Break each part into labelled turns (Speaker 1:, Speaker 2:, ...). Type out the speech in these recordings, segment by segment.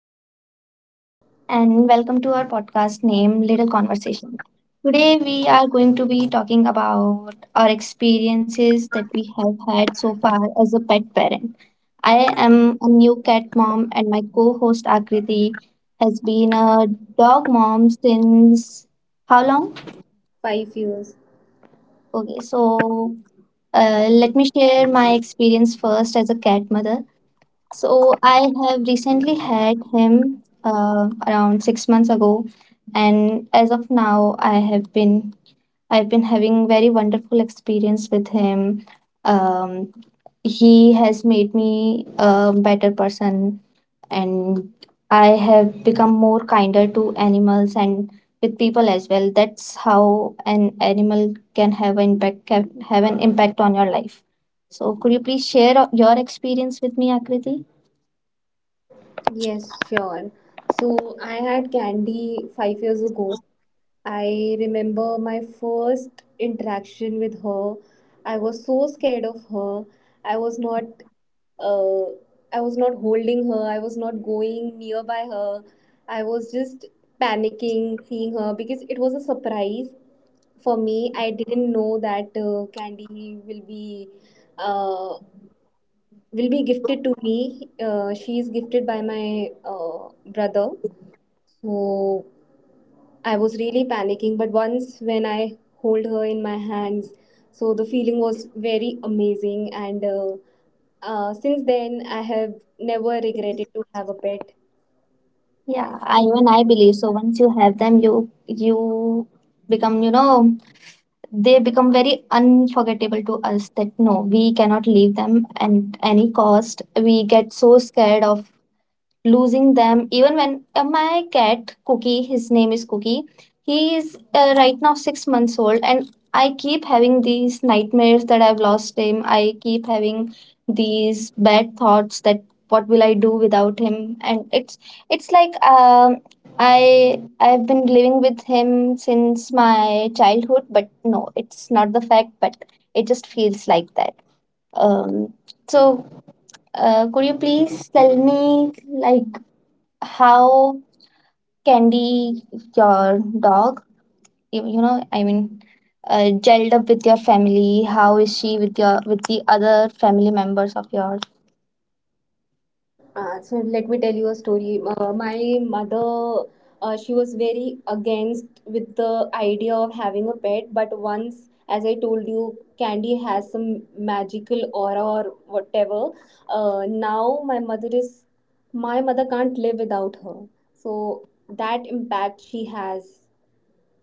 Speaker 1: Akriti.
Speaker 2: and welcome to our podcast named Little Conversation. Today we are going to be talking about our experiences that we have had so far as a pet parent. I am a new cat mom and my co-host Akriti has been a dog mom since how long?
Speaker 1: 5 years.
Speaker 2: Okay, so let me share my experience first as a cat mother. So I have recently had him around 6 months ago, and as of now, I've been having very wonderful experience with him. Um, he has made me a better person, and I have become more kinder to animals and with people as well. That's how an animal can have an impact on your life. So could you please share your experience with me, Akriti?
Speaker 1: Yes, sure. So I had candy 5 years ago. I remember my first interaction with her. I was so scared of her. I was not uh, I was not holding her. I was not going nearby her. I was just panicking seeing her because it was a surprise for me. I didn't know that Candy uh, will be gifted to me. She is gifted by my brother. So I was really panicking. But once when I hold her in my hands, so the feeling was very amazing. And Since then, I have never regretted to have a pet. And
Speaker 2: Yeah, even I believe so. Once you have them, you become, they become very unforgettable to us that no, we cannot leave them at any cost. We get so scared of losing them even when my cat Cookie, his name is Cookie, he is right now 6 months old, and I keep having these nightmares that I've lost him. I keep having these bad thoughts that what will I do without him, and it's like I've been living with him since my childhood, but no, it's not the fact, but it just feels like that um so uh, could you please tell me, like, how Candy, your dog, I mean, gelled up with your family? How is she with your with the other family members of yours?
Speaker 1: So let me tell you a story. My mother, she was very against with the idea of having a pet, but once, as I told you, Candy has some magical aura or whatever. Now my mother can't live without her. So that impact she has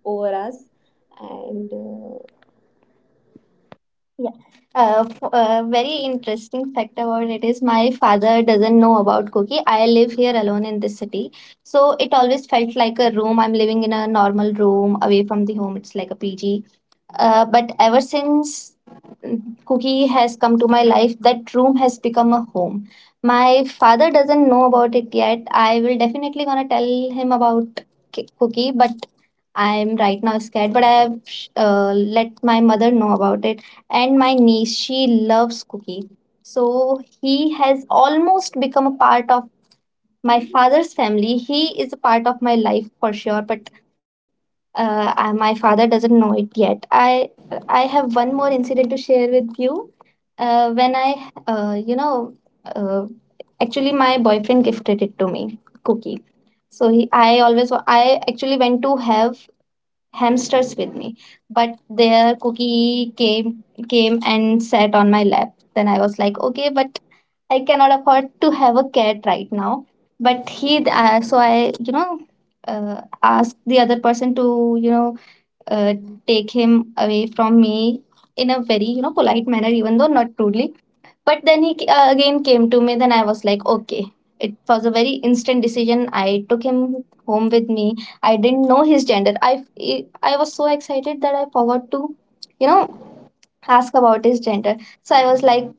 Speaker 1: over us, and
Speaker 2: Yeah, very interesting fact about it is my father doesn't know about Cookie. I live here alone in this city, so it always felt like a room. I'm living in a normal room away from the home. It's like a PG. But ever since mm, Cookie has come to my life, that room has become a home. My father doesn't know about it yet. I will definitely gonna tell him about Cookie, but I'm right now scared. But I have let my mother know about it, and my niece. She loves Cookie, so he has almost become a part of my father's family. He is a part of my life for sure, but my father doesn't know it yet. I have one more incident to share with you. When I, you know, uh, actually my boyfriend gifted it to me, Cookie. So he, I always, wa- I actually went to have hamsters with me, but their Cookie came and sat on my lap. Then I was like, okay, but I cannot afford to have a cat right now. But so I asked the other person to, you know, uh, take him away from me in a very polite manner, even though not rudely. But then he again came to me. Then I was like, okay, it was a very instant decision. I took him home with me. I didn't know his gender. I was so excited that I forgot to you know ask about his gender. So I was like,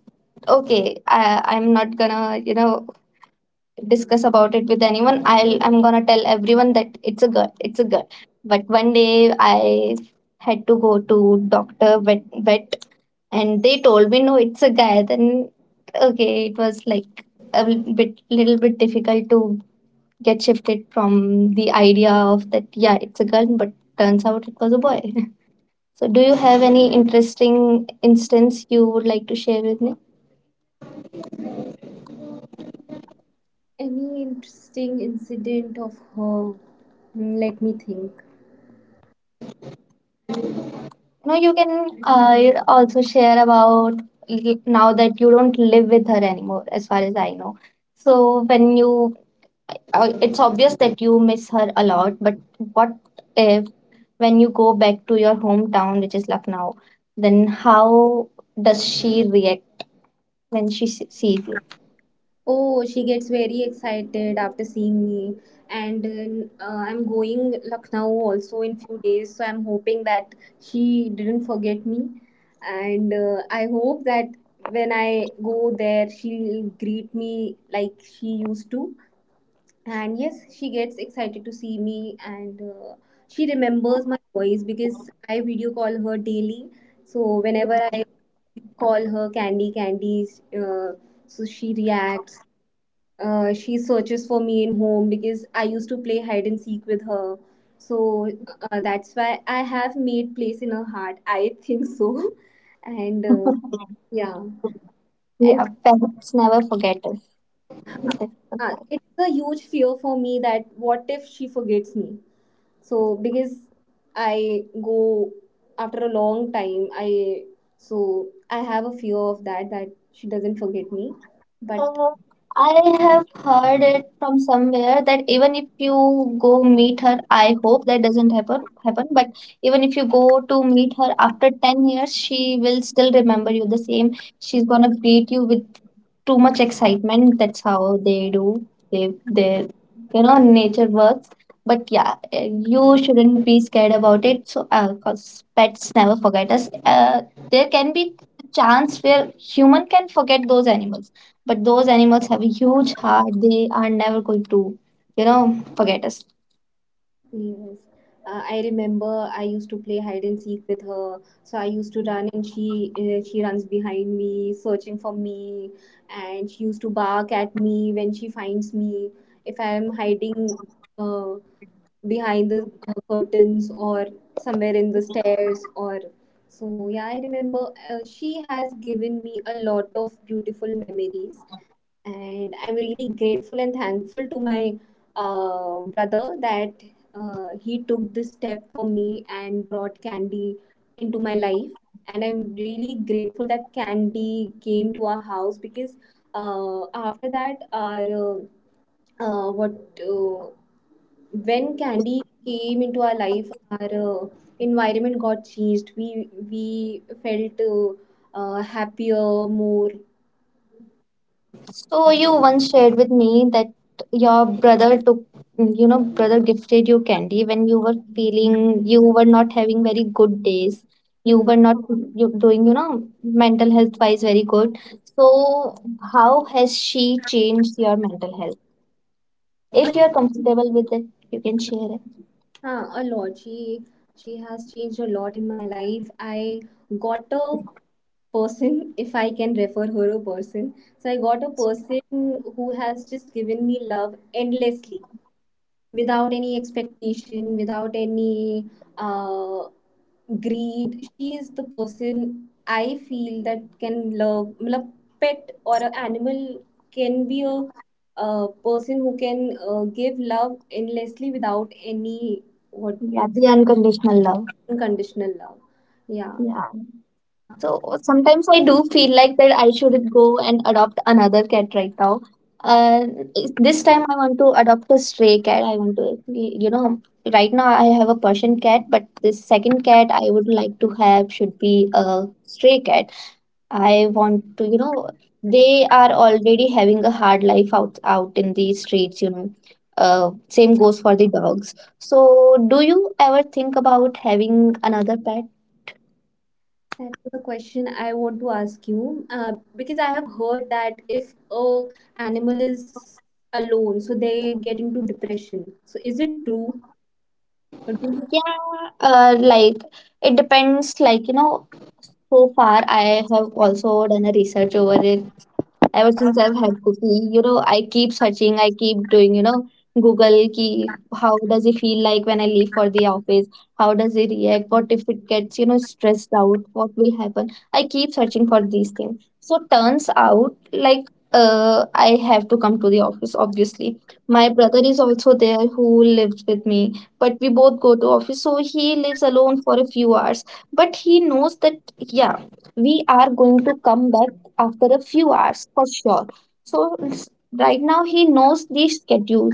Speaker 2: okay, I'm not gonna discuss about it with anyone. I'm gonna tell everyone that it's a girl, it's a girl. But one day I had to go to doctor vet, and they told me, no, it's a guy. Then okay, it was like a l- bit little bit difficult to get shifted from the idea of that. Yeah, it's a girl, but turns out it was a boy. So do you have any interesting instance you would like to share with me?
Speaker 1: any interesting incident of her. Hmm, let me think.
Speaker 2: No, you can you also share about now that you don't live with her anymore, as far as I know. So it's obvious that you miss her a lot, but what if when you go back to your hometown, which is Lucknow, then how does she react when she sees you?
Speaker 1: Oh, she gets very excited after seeing me. And I'm going Lucknow also in few days, so I'm hoping that she didn't forget me. And I hope that when I go there, she'll greet me like she used to. And yes, she gets excited to see me, and she remembers my voice because I video call her daily. So whenever I call her Candy Candies, so she searches for me in home because I used to play hide and seek with her. So that's why I have made place in her heart. I think so. And yeah, and
Speaker 2: Yeah, parents never forget us.
Speaker 1: uh, it is a huge fear for me. That what if she forgets me? So because I go after a long time, I so I have a fear of that she doesn't forget me. But
Speaker 2: Uh, I have heard it from somewhere that even if you go meet her, I hope that doesn't happen, but even if you go to meet her after 10 years, she will still remember you the same. She's gonna greet you with too much excitement. That's how they do live their nature works. But yeah, you shouldn't be scared about it. So, cause pets never forget us. There can be chance where human can forget those animals, but those animals have a huge heart. They are never going to, you know, forget us.
Speaker 1: yes. I remember I used to play hide and seek with her. So I used to run, and she runs behind me searching for me, and she used to bark at me when she finds me, if I am hiding uh, behind the curtains or somewhere in the stairs. Or so yeah, I remember she has given me a lot of beautiful memories, and I'm really grateful and thankful to my brother, that he took this step for me and brought candy into my life. And I'm really grateful that candy came to our house because after that our what uh, when candy came into our life, our environment got changed. We felt happier, more.
Speaker 2: So you once shared with me that your brother gifted you Candy when you were feeling you were not having very good days. You
Speaker 1: Hmm.
Speaker 2: were not you doing, you know, mental health wise very good. So how has she changed your mental health? If
Speaker 1: a
Speaker 2: you're comfortable with it, you can share it.
Speaker 1: Huh, a lot. She has changed a lot in my life. I got a person, if I can refer her a person. So I got a person who has just given me love endlessly, without any expectation, without any uh, greed. She is the person I feel that can love. मतलब pet or an animal can be a person who can give love endlessly without any, what,
Speaker 2: Yeah, the unconditional love.
Speaker 1: unconditional love. Yeah.
Speaker 2: Yeah.
Speaker 1: Uh,
Speaker 2: So sometimes I do feel like that I should go and adopt another cat right now. Uh, this time I want to adopt a stray cat. I want to, right now I have a Persian cat, but this second cat I would like to have should be a stray cat. I want to, they are already having a hard life out in the streets. Same goes for the dogs. So, do you ever think about having another pet?
Speaker 1: that was the question I want to ask you, uh, because I have heard that if a animal is alone, so they get into depression. So is it true? Or do you-
Speaker 2: Yeah, like it depends. Like, so far I have also done a research over it. Ever since I've had Cookie, I keep searching, I keep doing, Google ki how does he feel like when I leave for the office? How does he react? What if it gets, stressed out? What will happen? I keep searching for these things. So turns out like I have to come to the office, obviously. My brother is also there who lives with me, but we both go to office, so he lives alone for a few hours. But he knows that yeah, we are going to come back after a few hours for sure. So right now he knows the schedule.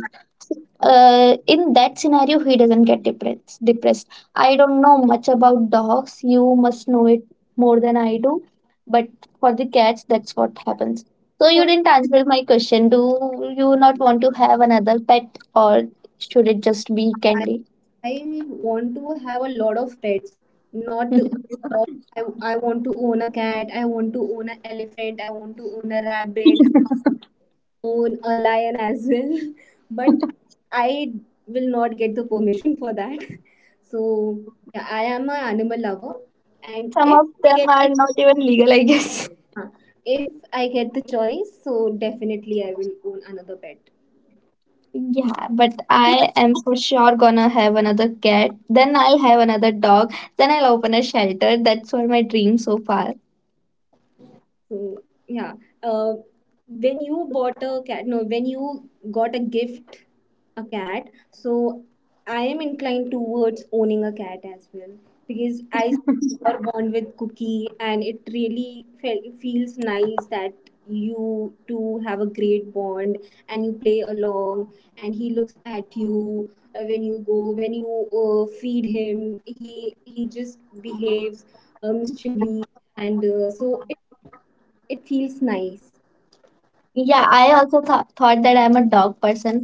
Speaker 2: In that scenario, he doesn't get depressed. Depressed. I don't know much about dogs. You must know it more than I do. But for the cats, that's what happens. So
Speaker 1: for
Speaker 2: you didn't answer my question. Do you not want to have another pet, or should it just be
Speaker 1: I,
Speaker 2: Candy?
Speaker 1: I want to have a lot of pets, not dog. I, I want to own a cat, I want to own an elephant, I want to own a rabbit, own a lion as well. But I will not get the permission for that. So yeah, I am an animal lover, and
Speaker 2: Some
Speaker 1: if
Speaker 2: of
Speaker 1: i
Speaker 2: them
Speaker 1: get the,
Speaker 2: are not even legal, I guess.
Speaker 1: if I get the choice, so definitely I will own another pet.
Speaker 2: Yeah, but I am for sure gonna have another cat. Then I'll have another dog. Then I'll open a shelter. That's what my dream so far.
Speaker 1: So yeah, uh, when you bought a cat, no, when you got a gift, a cat. So I am inclined towards owning a cat as well because I are bond with Cookie, and it really feels nice that you two have a great bond and you play along and he looks at you. When you go when you feed him, he just behaves mischievously, and so it feels nice.
Speaker 2: Yeah, I also th thought that I'm a dog person.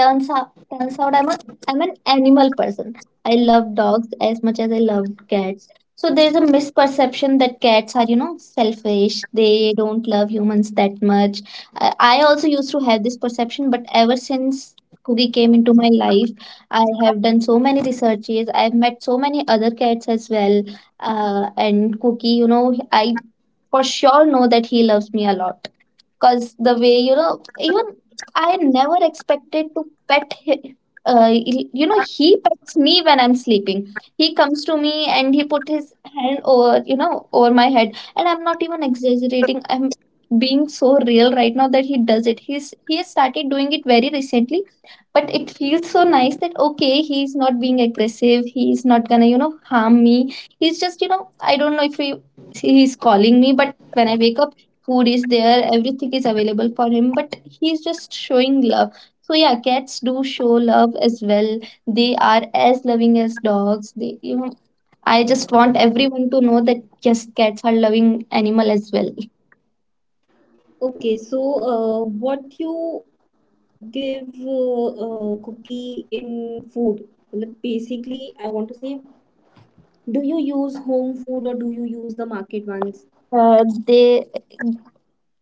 Speaker 2: Turns out, I'm an animal person. I love dogs as much as I love cats. So there's a misperception that cats are, selfish. They don't love humans that much. I also used to have this perception, but ever since Cookie came into my life, I have done so many researches. I've met so many other cats as well. And Cookie, I for sure know that he loves me a lot, because the way even I never expected to pet hi- uh, you know he pets me when I'm sleeping. He comes to me and he put his hand over you know over my head, and I'm not even exaggerating. I'm being so real right now that he does it. He has started doing it very recently, but it feels so nice that okay, he's not being aggressive, he's not gonna harm me. He's just I don't know if he's calling me, but when I wake up, food is there, everything is available for him, but he's just showing love. So yeah, cats do show love as well. They are as loving as dogs. I just want everyone to know that yes, cats are loving animal as well.
Speaker 1: Okay, so what you give cookie in food? Like, basically, I want to say, do you use home food or do you use the market ones?
Speaker 2: Uh, they,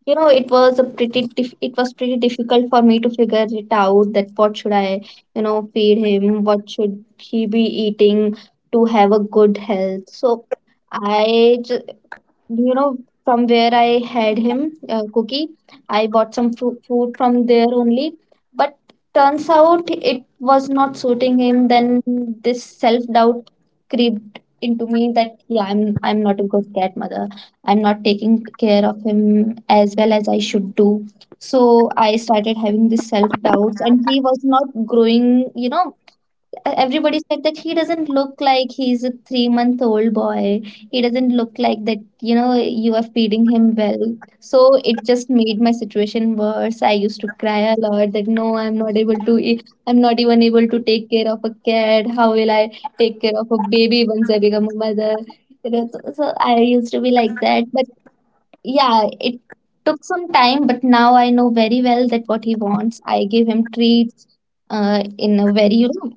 Speaker 2: you it was pretty difficult for me to figure it out that what should I, feed him, what should he be eating to have a good health. So I ju- you know, from where I had him, Cookie, I bought some fru food from there only. But turns out it was not suiting him. Then this self-doubt crept into me that yeah, I'm not a good cat mother. I'm not taking care of him as well as I should do. So I started having this self-doubts, and he was not growing, everybody said that he doesn't look like he's a 3 month old boy. He doesn't look like that, you are feeding him well. So it just made my situation worse. I used to cry a lot that no, I'm not able to, I'm not even able to take care of a cat. How will I take care of a baby once I become a mother? So I used to be like that. But yeah, it took some time, but now I know very well that what he wants. I give him treats in a very,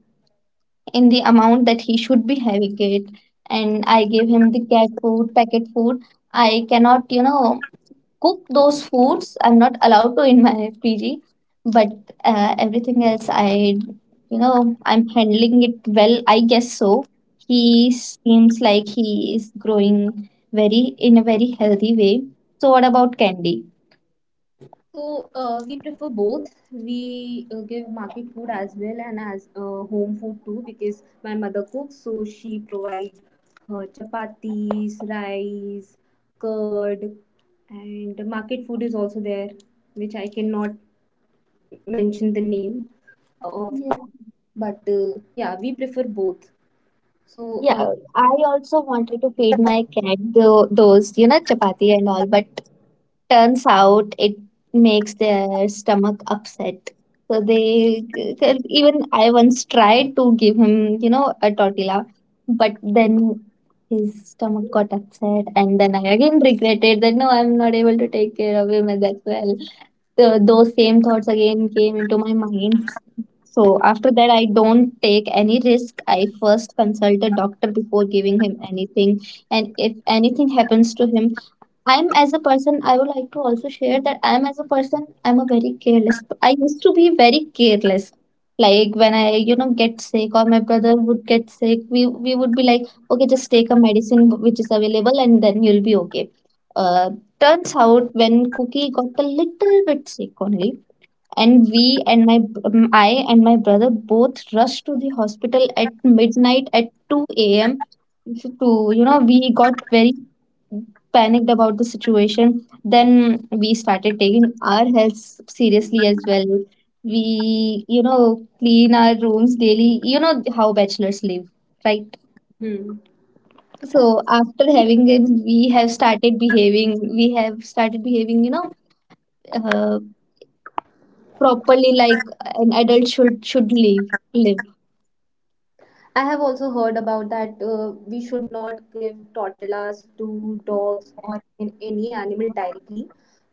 Speaker 2: in the amount that he should be having it, and I gave him the cat food, packet food. I cannot, cook those foods, I'm not allowed to in my PG. But everything else, I, I'm handling it well, I guess. So he seems like he is growing very in a very healthy way. So what about Candy?
Speaker 1: So we prefer both. We give market food as well, and as home food too, because my mother cooks, so she provides her chapatis, rice, curd, and market food is also there, which I cannot mention the name of
Speaker 2: Yeah,
Speaker 1: the, but yeah, we prefer both. So
Speaker 2: yeah, I also wanted to feed my cat those chapati and all, but turns out it makes their stomach upset. So they, even I once tried to give him, a tortilla, but then his stomach got upset, and then I again regretted that no, I'm not able to take care of him as well. So those same thoughts again came into my mind. So after that, I don't take any risk. I first consult a doctor before giving him anything. And if anything happens to him, I'm as a person, I would like to also share that I'm as a person, I'm a very careless. I used to be very careless. Like when I, get sick or my brother would get sick, we would be like, okay, just take a medicine which is available and then you'll be okay. Uh, Turns out when Cookie got a little bit sick only, and we and my I and my brother both rushed to the hospital at midnight at 2 a.m. to, we got very panicked about the situation. Then we started taking our health seriously as well. We, clean our rooms daily. You know how bachelors live, right?
Speaker 1: hmm.
Speaker 2: So after having it, we have started behaving, uh, properly like an adult should live.
Speaker 1: I have also heard about that we should not give tortillas to dogs or in any animal directly,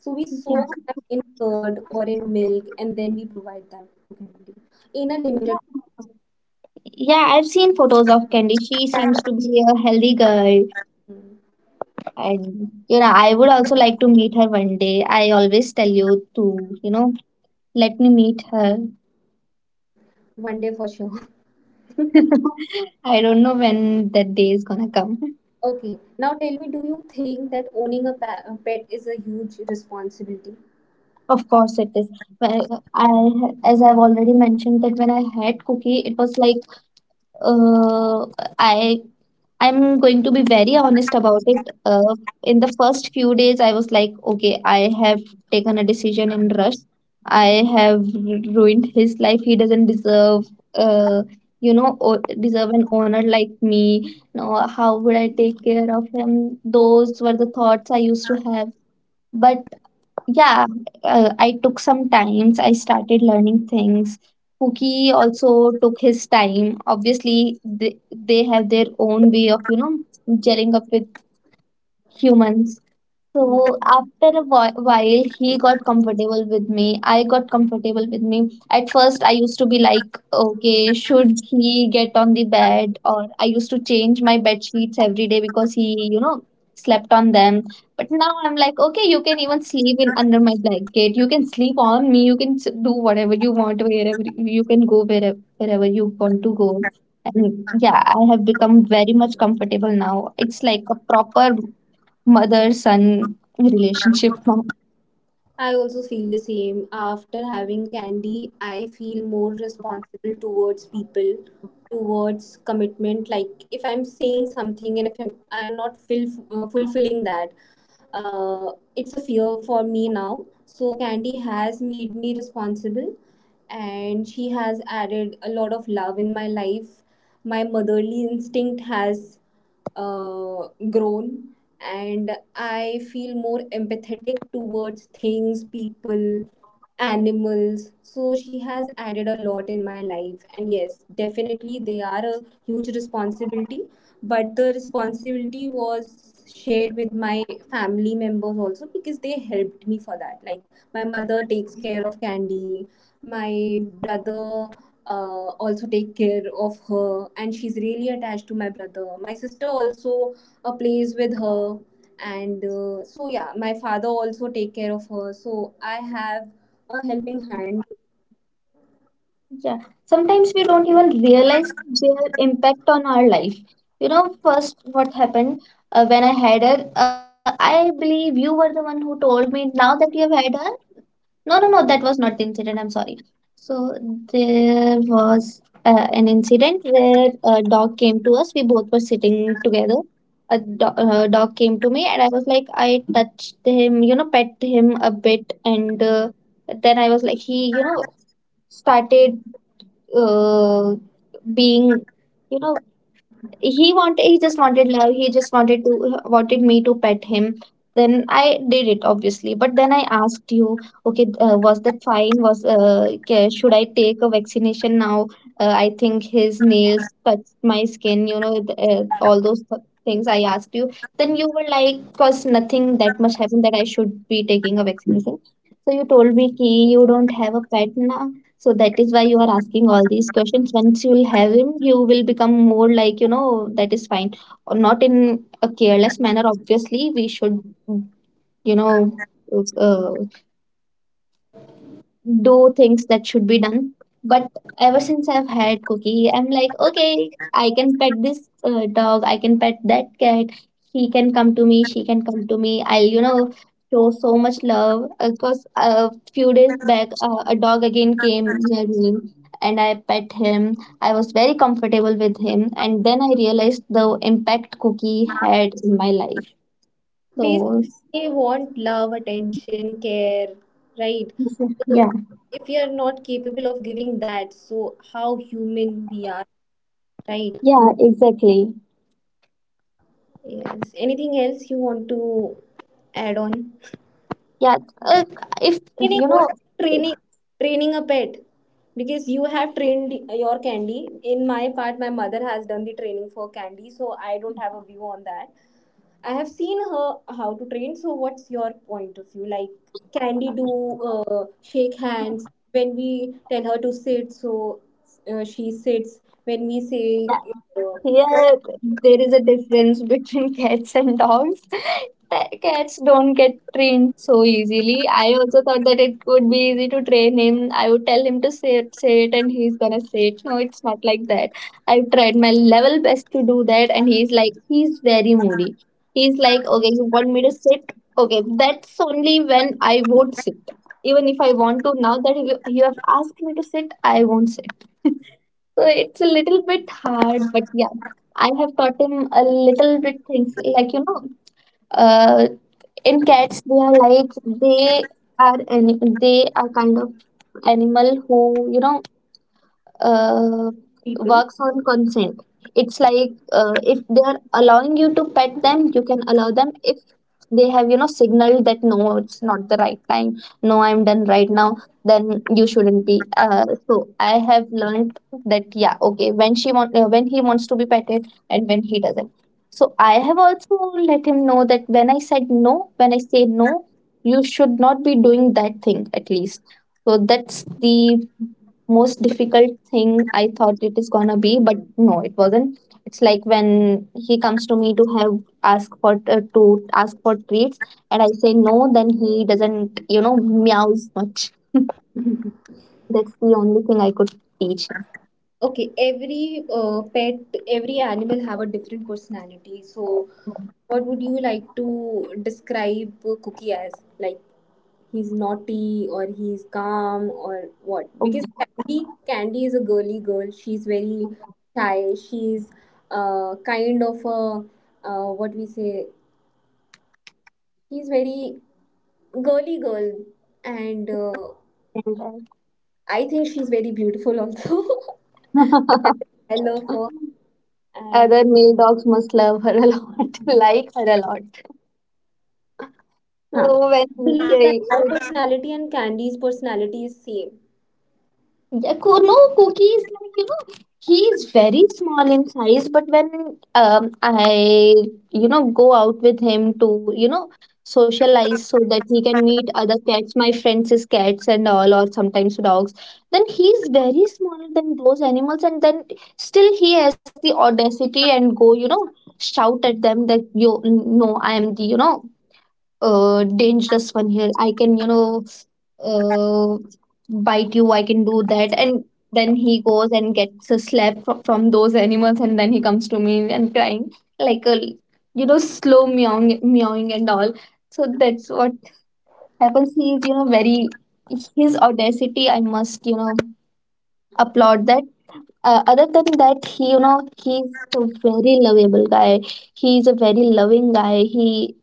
Speaker 1: so we
Speaker 2: Yeah,
Speaker 1: soak that in curd or in milk and then we provide that to candy in a limited.
Speaker 2: yeah I've seen photos of Candy. She seems to be a healthy girl.
Speaker 1: Hmm.
Speaker 2: And you know, I would also like to meet her one day. I always tell you to, you know let me meet her.
Speaker 1: One day for sure.
Speaker 2: I don't know when that day is gonna come.
Speaker 1: Okay, now tell me, do you think that owning a pet is a huge responsibility?
Speaker 2: Of course it is. Well, I, as I've already mentioned, that when I had Cookie, it was like, uh i I'm going to be very honest about it. In the first few days, I was like, okay, I have taken a decision in rush. I have ruined his life. He doesn't deserve, uh, deserve an owner like me. No, how would I take care of him? Those were the thoughts I used to have. But yeah, I took some times. I started learning things. Pookie also took his time. Obviously, they have their own way of, gelling up with humans.
Speaker 1: Hmm.
Speaker 2: So after a while, he got comfortable with me. I got comfortable with me. At first, I used to be like, okay, should he get on the bed? Or I used to change my bed sheets every day because he, slept on them. But now I'm like, okay, you can even sleep in under my blanket. You can sleep on me. You can do whatever you want, wherever you can go, wherever you want to go. And yeah, I have become very much comfortable now. It's like a proper mother son relationship.
Speaker 1: I also feel the same. After having candy, I feel more responsible towards people, towards commitment. Like, if I'm, saying something and if I'm not fulfilling that, uh, it's a fear for me now. So candy has made me responsible, and she has added a lot of love in my life. My motherly instinct has grown, and I feel more empathetic towards things, people, animals. So she has added a lot in my life, and yes, definitely they are a huge responsibility, but the responsibility was shared with my family members also, because they helped me for that. Like, my mother takes care of Candy, my brother also take care of her, and she's really attached to my brother, my sister also a place with her, and so yeah, my father also take care of her, so I have a helping hand.
Speaker 2: Yeah, sometimes we don't even realize their impact on our life. You know, first what happened, when I had her, I believe you were the one who told me now that you have had her, no, no, no, that was not the incident. I'm sorry. So there was an incident where a dog came to us. We both were sitting together. A dog came to me, and I was like, I touched him, pet him a bit, and then I was like, he, started uh, being, you know, he just wanted love. He just wanted to wanted me to pet him. Then I did it obviously, but then I asked you, okay, was that fine? Was, should I take a vaccination now? I think his nails touched my skin, you know, all those things I asked you. Then you were like, cause nothing that much happened that I should be taking a vaccination. So you told me ki you don't have a pet now, so that is why you are asking all these questions. Once you will have him, you will become more like, that is fine. Or not in a careless manner, obviously. We should, you know, uh, do things that should be done. But ever since I've had Cookie, I'm like, okay, I can pet this dog, I can pet that cat. He can come to me, she can come to me. I'll, show so much love. Because a few days back, a dog again came near me and I pet him. I was very comfortable with him. And then I realized the impact Cookie had in my life.
Speaker 1: Basically,
Speaker 2: So,
Speaker 1: they want love, attention, care, right? So
Speaker 2: yeah.
Speaker 1: if you are not capable of giving that, so how human we are, right?
Speaker 2: Yeah, exactly.
Speaker 1: Yes, anything else you want to add on?
Speaker 2: Yeah, uh, if
Speaker 1: Training,
Speaker 2: you
Speaker 1: what
Speaker 2: know,
Speaker 1: are
Speaker 2: yeah,
Speaker 1: training? Training a pet. Because you have trained your candy. In my part, my mother has done the training for candy, so I don't have a view on that. I have seen her how to train. So, what's your point of view? Like, candy do shake hands. When we tell her to sit, so she sits. When we say uh,
Speaker 2: here there is a difference between cats and dogs. Cats don't get trained so easily. I also thought that it would be easy to train him. I would tell him to say it, and he's gonna say it. No, it's not like that. I've tried my level best to do that, and he's like, he's very moody. He's like, okay, you want me to sit? Okay, that's only when I won't sit. Even if I want to, now that you have asked me to sit, I won't sit. So it's a little bit hard, but yeah, I have taught him a little bit things like, uh, in cats they are like they are kind of animal who, you know uh,
Speaker 1: people.
Speaker 2: works on consent. It's like, if they are allowing you to pet them, you can allow them. If they have, signaled that no, it's not the right time, no, I'm done right now, then you shouldn't be. So I have learned that yeah, okay, when she when he wants to be petted and when he doesn't. So I have also let him know that when I said no, when I say no, you should not be doing that thing at least. So that's the most difficult thing I thought it is gonna be, but no, it wasn't. It's like when he comes to me to have ask for, to ask for treats, and I say no, then he doesn't, meows much. That's the only thing I could teach him.
Speaker 1: Okay, every pet, every animal have a different personality. So, what would you like to describe Cookie as? Like, he's naughty, or he's calm, or what? Because
Speaker 2: Oh,
Speaker 1: Candy is a girly girl. She's very shy. She's kind of a, what we say. She's very girly girl, and I think she's very beautiful also. That's my love for her. And
Speaker 2: other male dogs must love her a lot, like her a lot.
Speaker 1: huh.
Speaker 2: So when
Speaker 1: Believe that
Speaker 2: they,
Speaker 1: our personality and Candy's personality is same.
Speaker 2: yeah, no, Cookie is like, he is very small in size, but when go out with him to, socialize so that he can meet other cats, my friends is cats and all, or sometimes dogs, then he's very smaller than those animals, and then still he has the audacity and go, shout at them that you no, I am the, dangerous one here. I can, uh, bite you. I can do that. And then he goes and gets a slap from those animals, and then he comes to me and crying like a, slow meowing, meowing and all. So that's what happens. He is, very his audacity. I must, applaud that. Other than that, he, he's a very lovable guy. He's a very loving guy.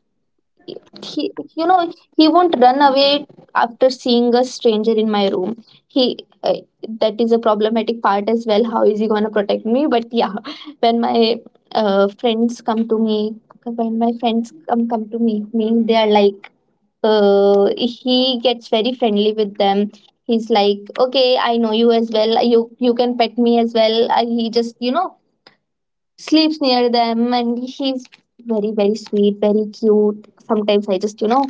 Speaker 2: He you know He won't run away after seeing a stranger in my room. He uh, that is a problematic part as well, how is he going to protect me? But yeah, when my friends come to me when my friends come to meet me, they are like, he gets very friendly with them. He's like, okay, I know you as well, you can pet me as well. He just, sleeps near them, and he's very very sweet, very cute. Sometimes I just,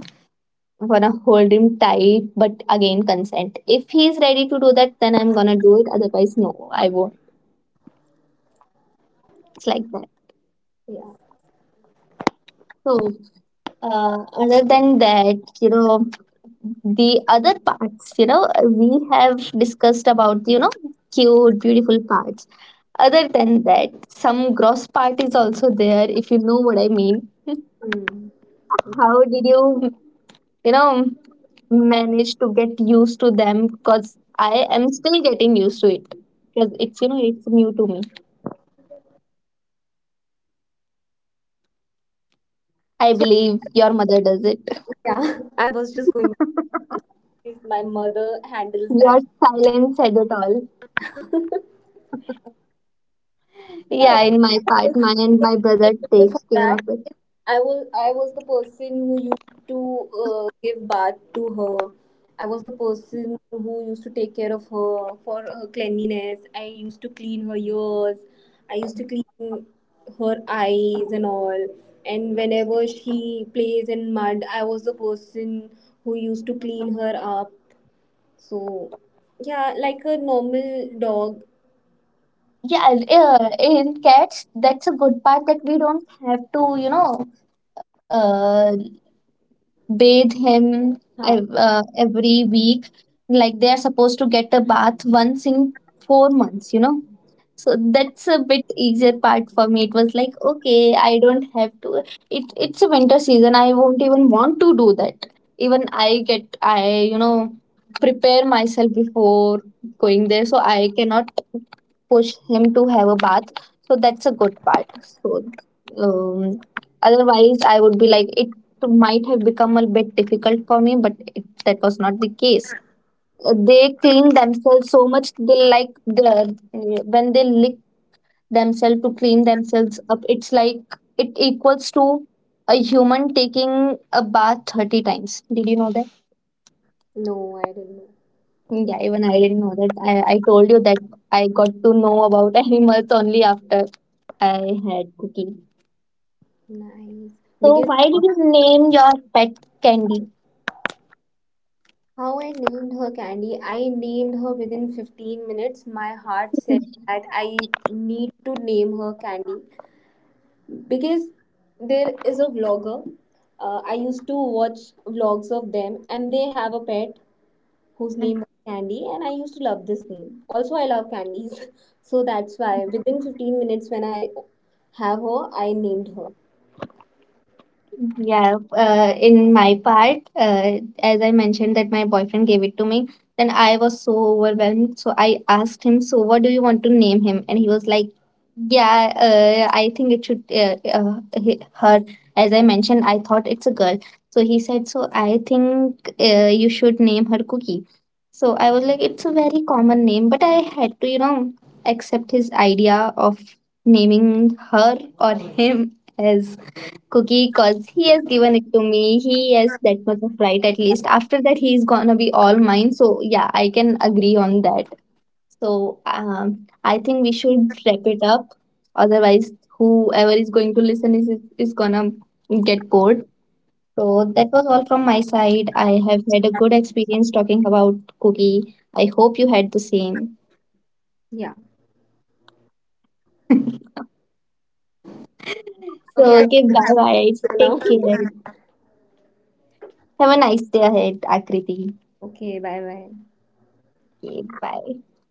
Speaker 2: I'm gonna hold him tight, but again, consent. If he's ready to do that, then I'm gonna do it. Otherwise, no, I won't. It's like that.
Speaker 1: Yeah.
Speaker 2: So, other than that, the other parts, we have discussed about, cute, beautiful parts. Other than that, some gross part is also there, if you know what I mean.
Speaker 1: Hmm.
Speaker 2: How did you, you know manage to get used to them, because I am still getting used to it, because it's, it's new to me. I
Speaker 1: So
Speaker 2: believe your mother does it.
Speaker 1: yeah, I was just going to say, my mother handles that.
Speaker 2: Your silence said it all. Yeah,
Speaker 1: No,
Speaker 2: in my part, mine and my brother
Speaker 1: for
Speaker 2: takes care
Speaker 1: that,
Speaker 2: of it.
Speaker 1: I was the person who used to give bath to her. I was the person who used to take care of her for her cleanliness. I used to clean her ears. I used to clean her eyes and all. And whenever she plays in mud, I was the person who used to clean her up. So yeah, like a normal dog.
Speaker 2: Yeah, in cats, that's a good part that we don't have to, uh, bathe him
Speaker 1: Huh.
Speaker 2: every week. Like they are supposed to get a bath once in 4 months, you know. So that's a bit easier part for me. It was like, okay, I don't have to, it's a winter season, I won't even want to do that. Even I get, I you know prepare myself before going there, so I cannot push him to have a bath. So that's a good part. So um, otherwise I would be like it so, might have become a bit difficult for me, but that was not the case. They clean themselves so much. They like the when they lick themselves to clean themselves up. It's like it equals to a human taking a bath 30 times. Did you know that?
Speaker 1: No, I don't know.
Speaker 2: Yeah, even I didn't know that. I told you that I got to know about animals only after I had cooking.
Speaker 1: Nice.
Speaker 2: So
Speaker 1: Because.
Speaker 2: why did you name your pet Candy?
Speaker 1: How I named her Candy? I named her within 15 minutes. My heart said that I need to name her Candy because there is a vlogger. I used to watch vlogs of them, and they have a pet whose name is Candy, and I used to love this name. Also, I love candies, so that's why within 15 minutes when I have her, I named her.
Speaker 2: Yeah, in my part, as I mentioned that my boyfriend gave it to me, then I was so overwhelmed. So I asked him, "So what do you want to name him?" And he was like, "Yeah, I think it should her." As I mentioned, I thought it's a girl. So he said, "So I think, you should name her Cookie." So I was like, "It's a very common name," but I had to, accept his idea of naming her or him as Cookie because he has given it to me. He has that much of right at least. After that, he's gonna be all mine. So yeah, I can agree on that. So I think we should wrap it up. Otherwise, whoever is going to listen is gonna get bored. So that was all from my side. I have had a good experience talking about Cookie. I hope you had the same.
Speaker 1: Yeah.
Speaker 2: So
Speaker 1: Okay.
Speaker 2: okay,
Speaker 1: I
Speaker 2: bye bye.
Speaker 1: now.
Speaker 2: Take care. Have a nice day ahead, Akriti.
Speaker 1: Okay. Bye. Bye.
Speaker 2: Okay, bye.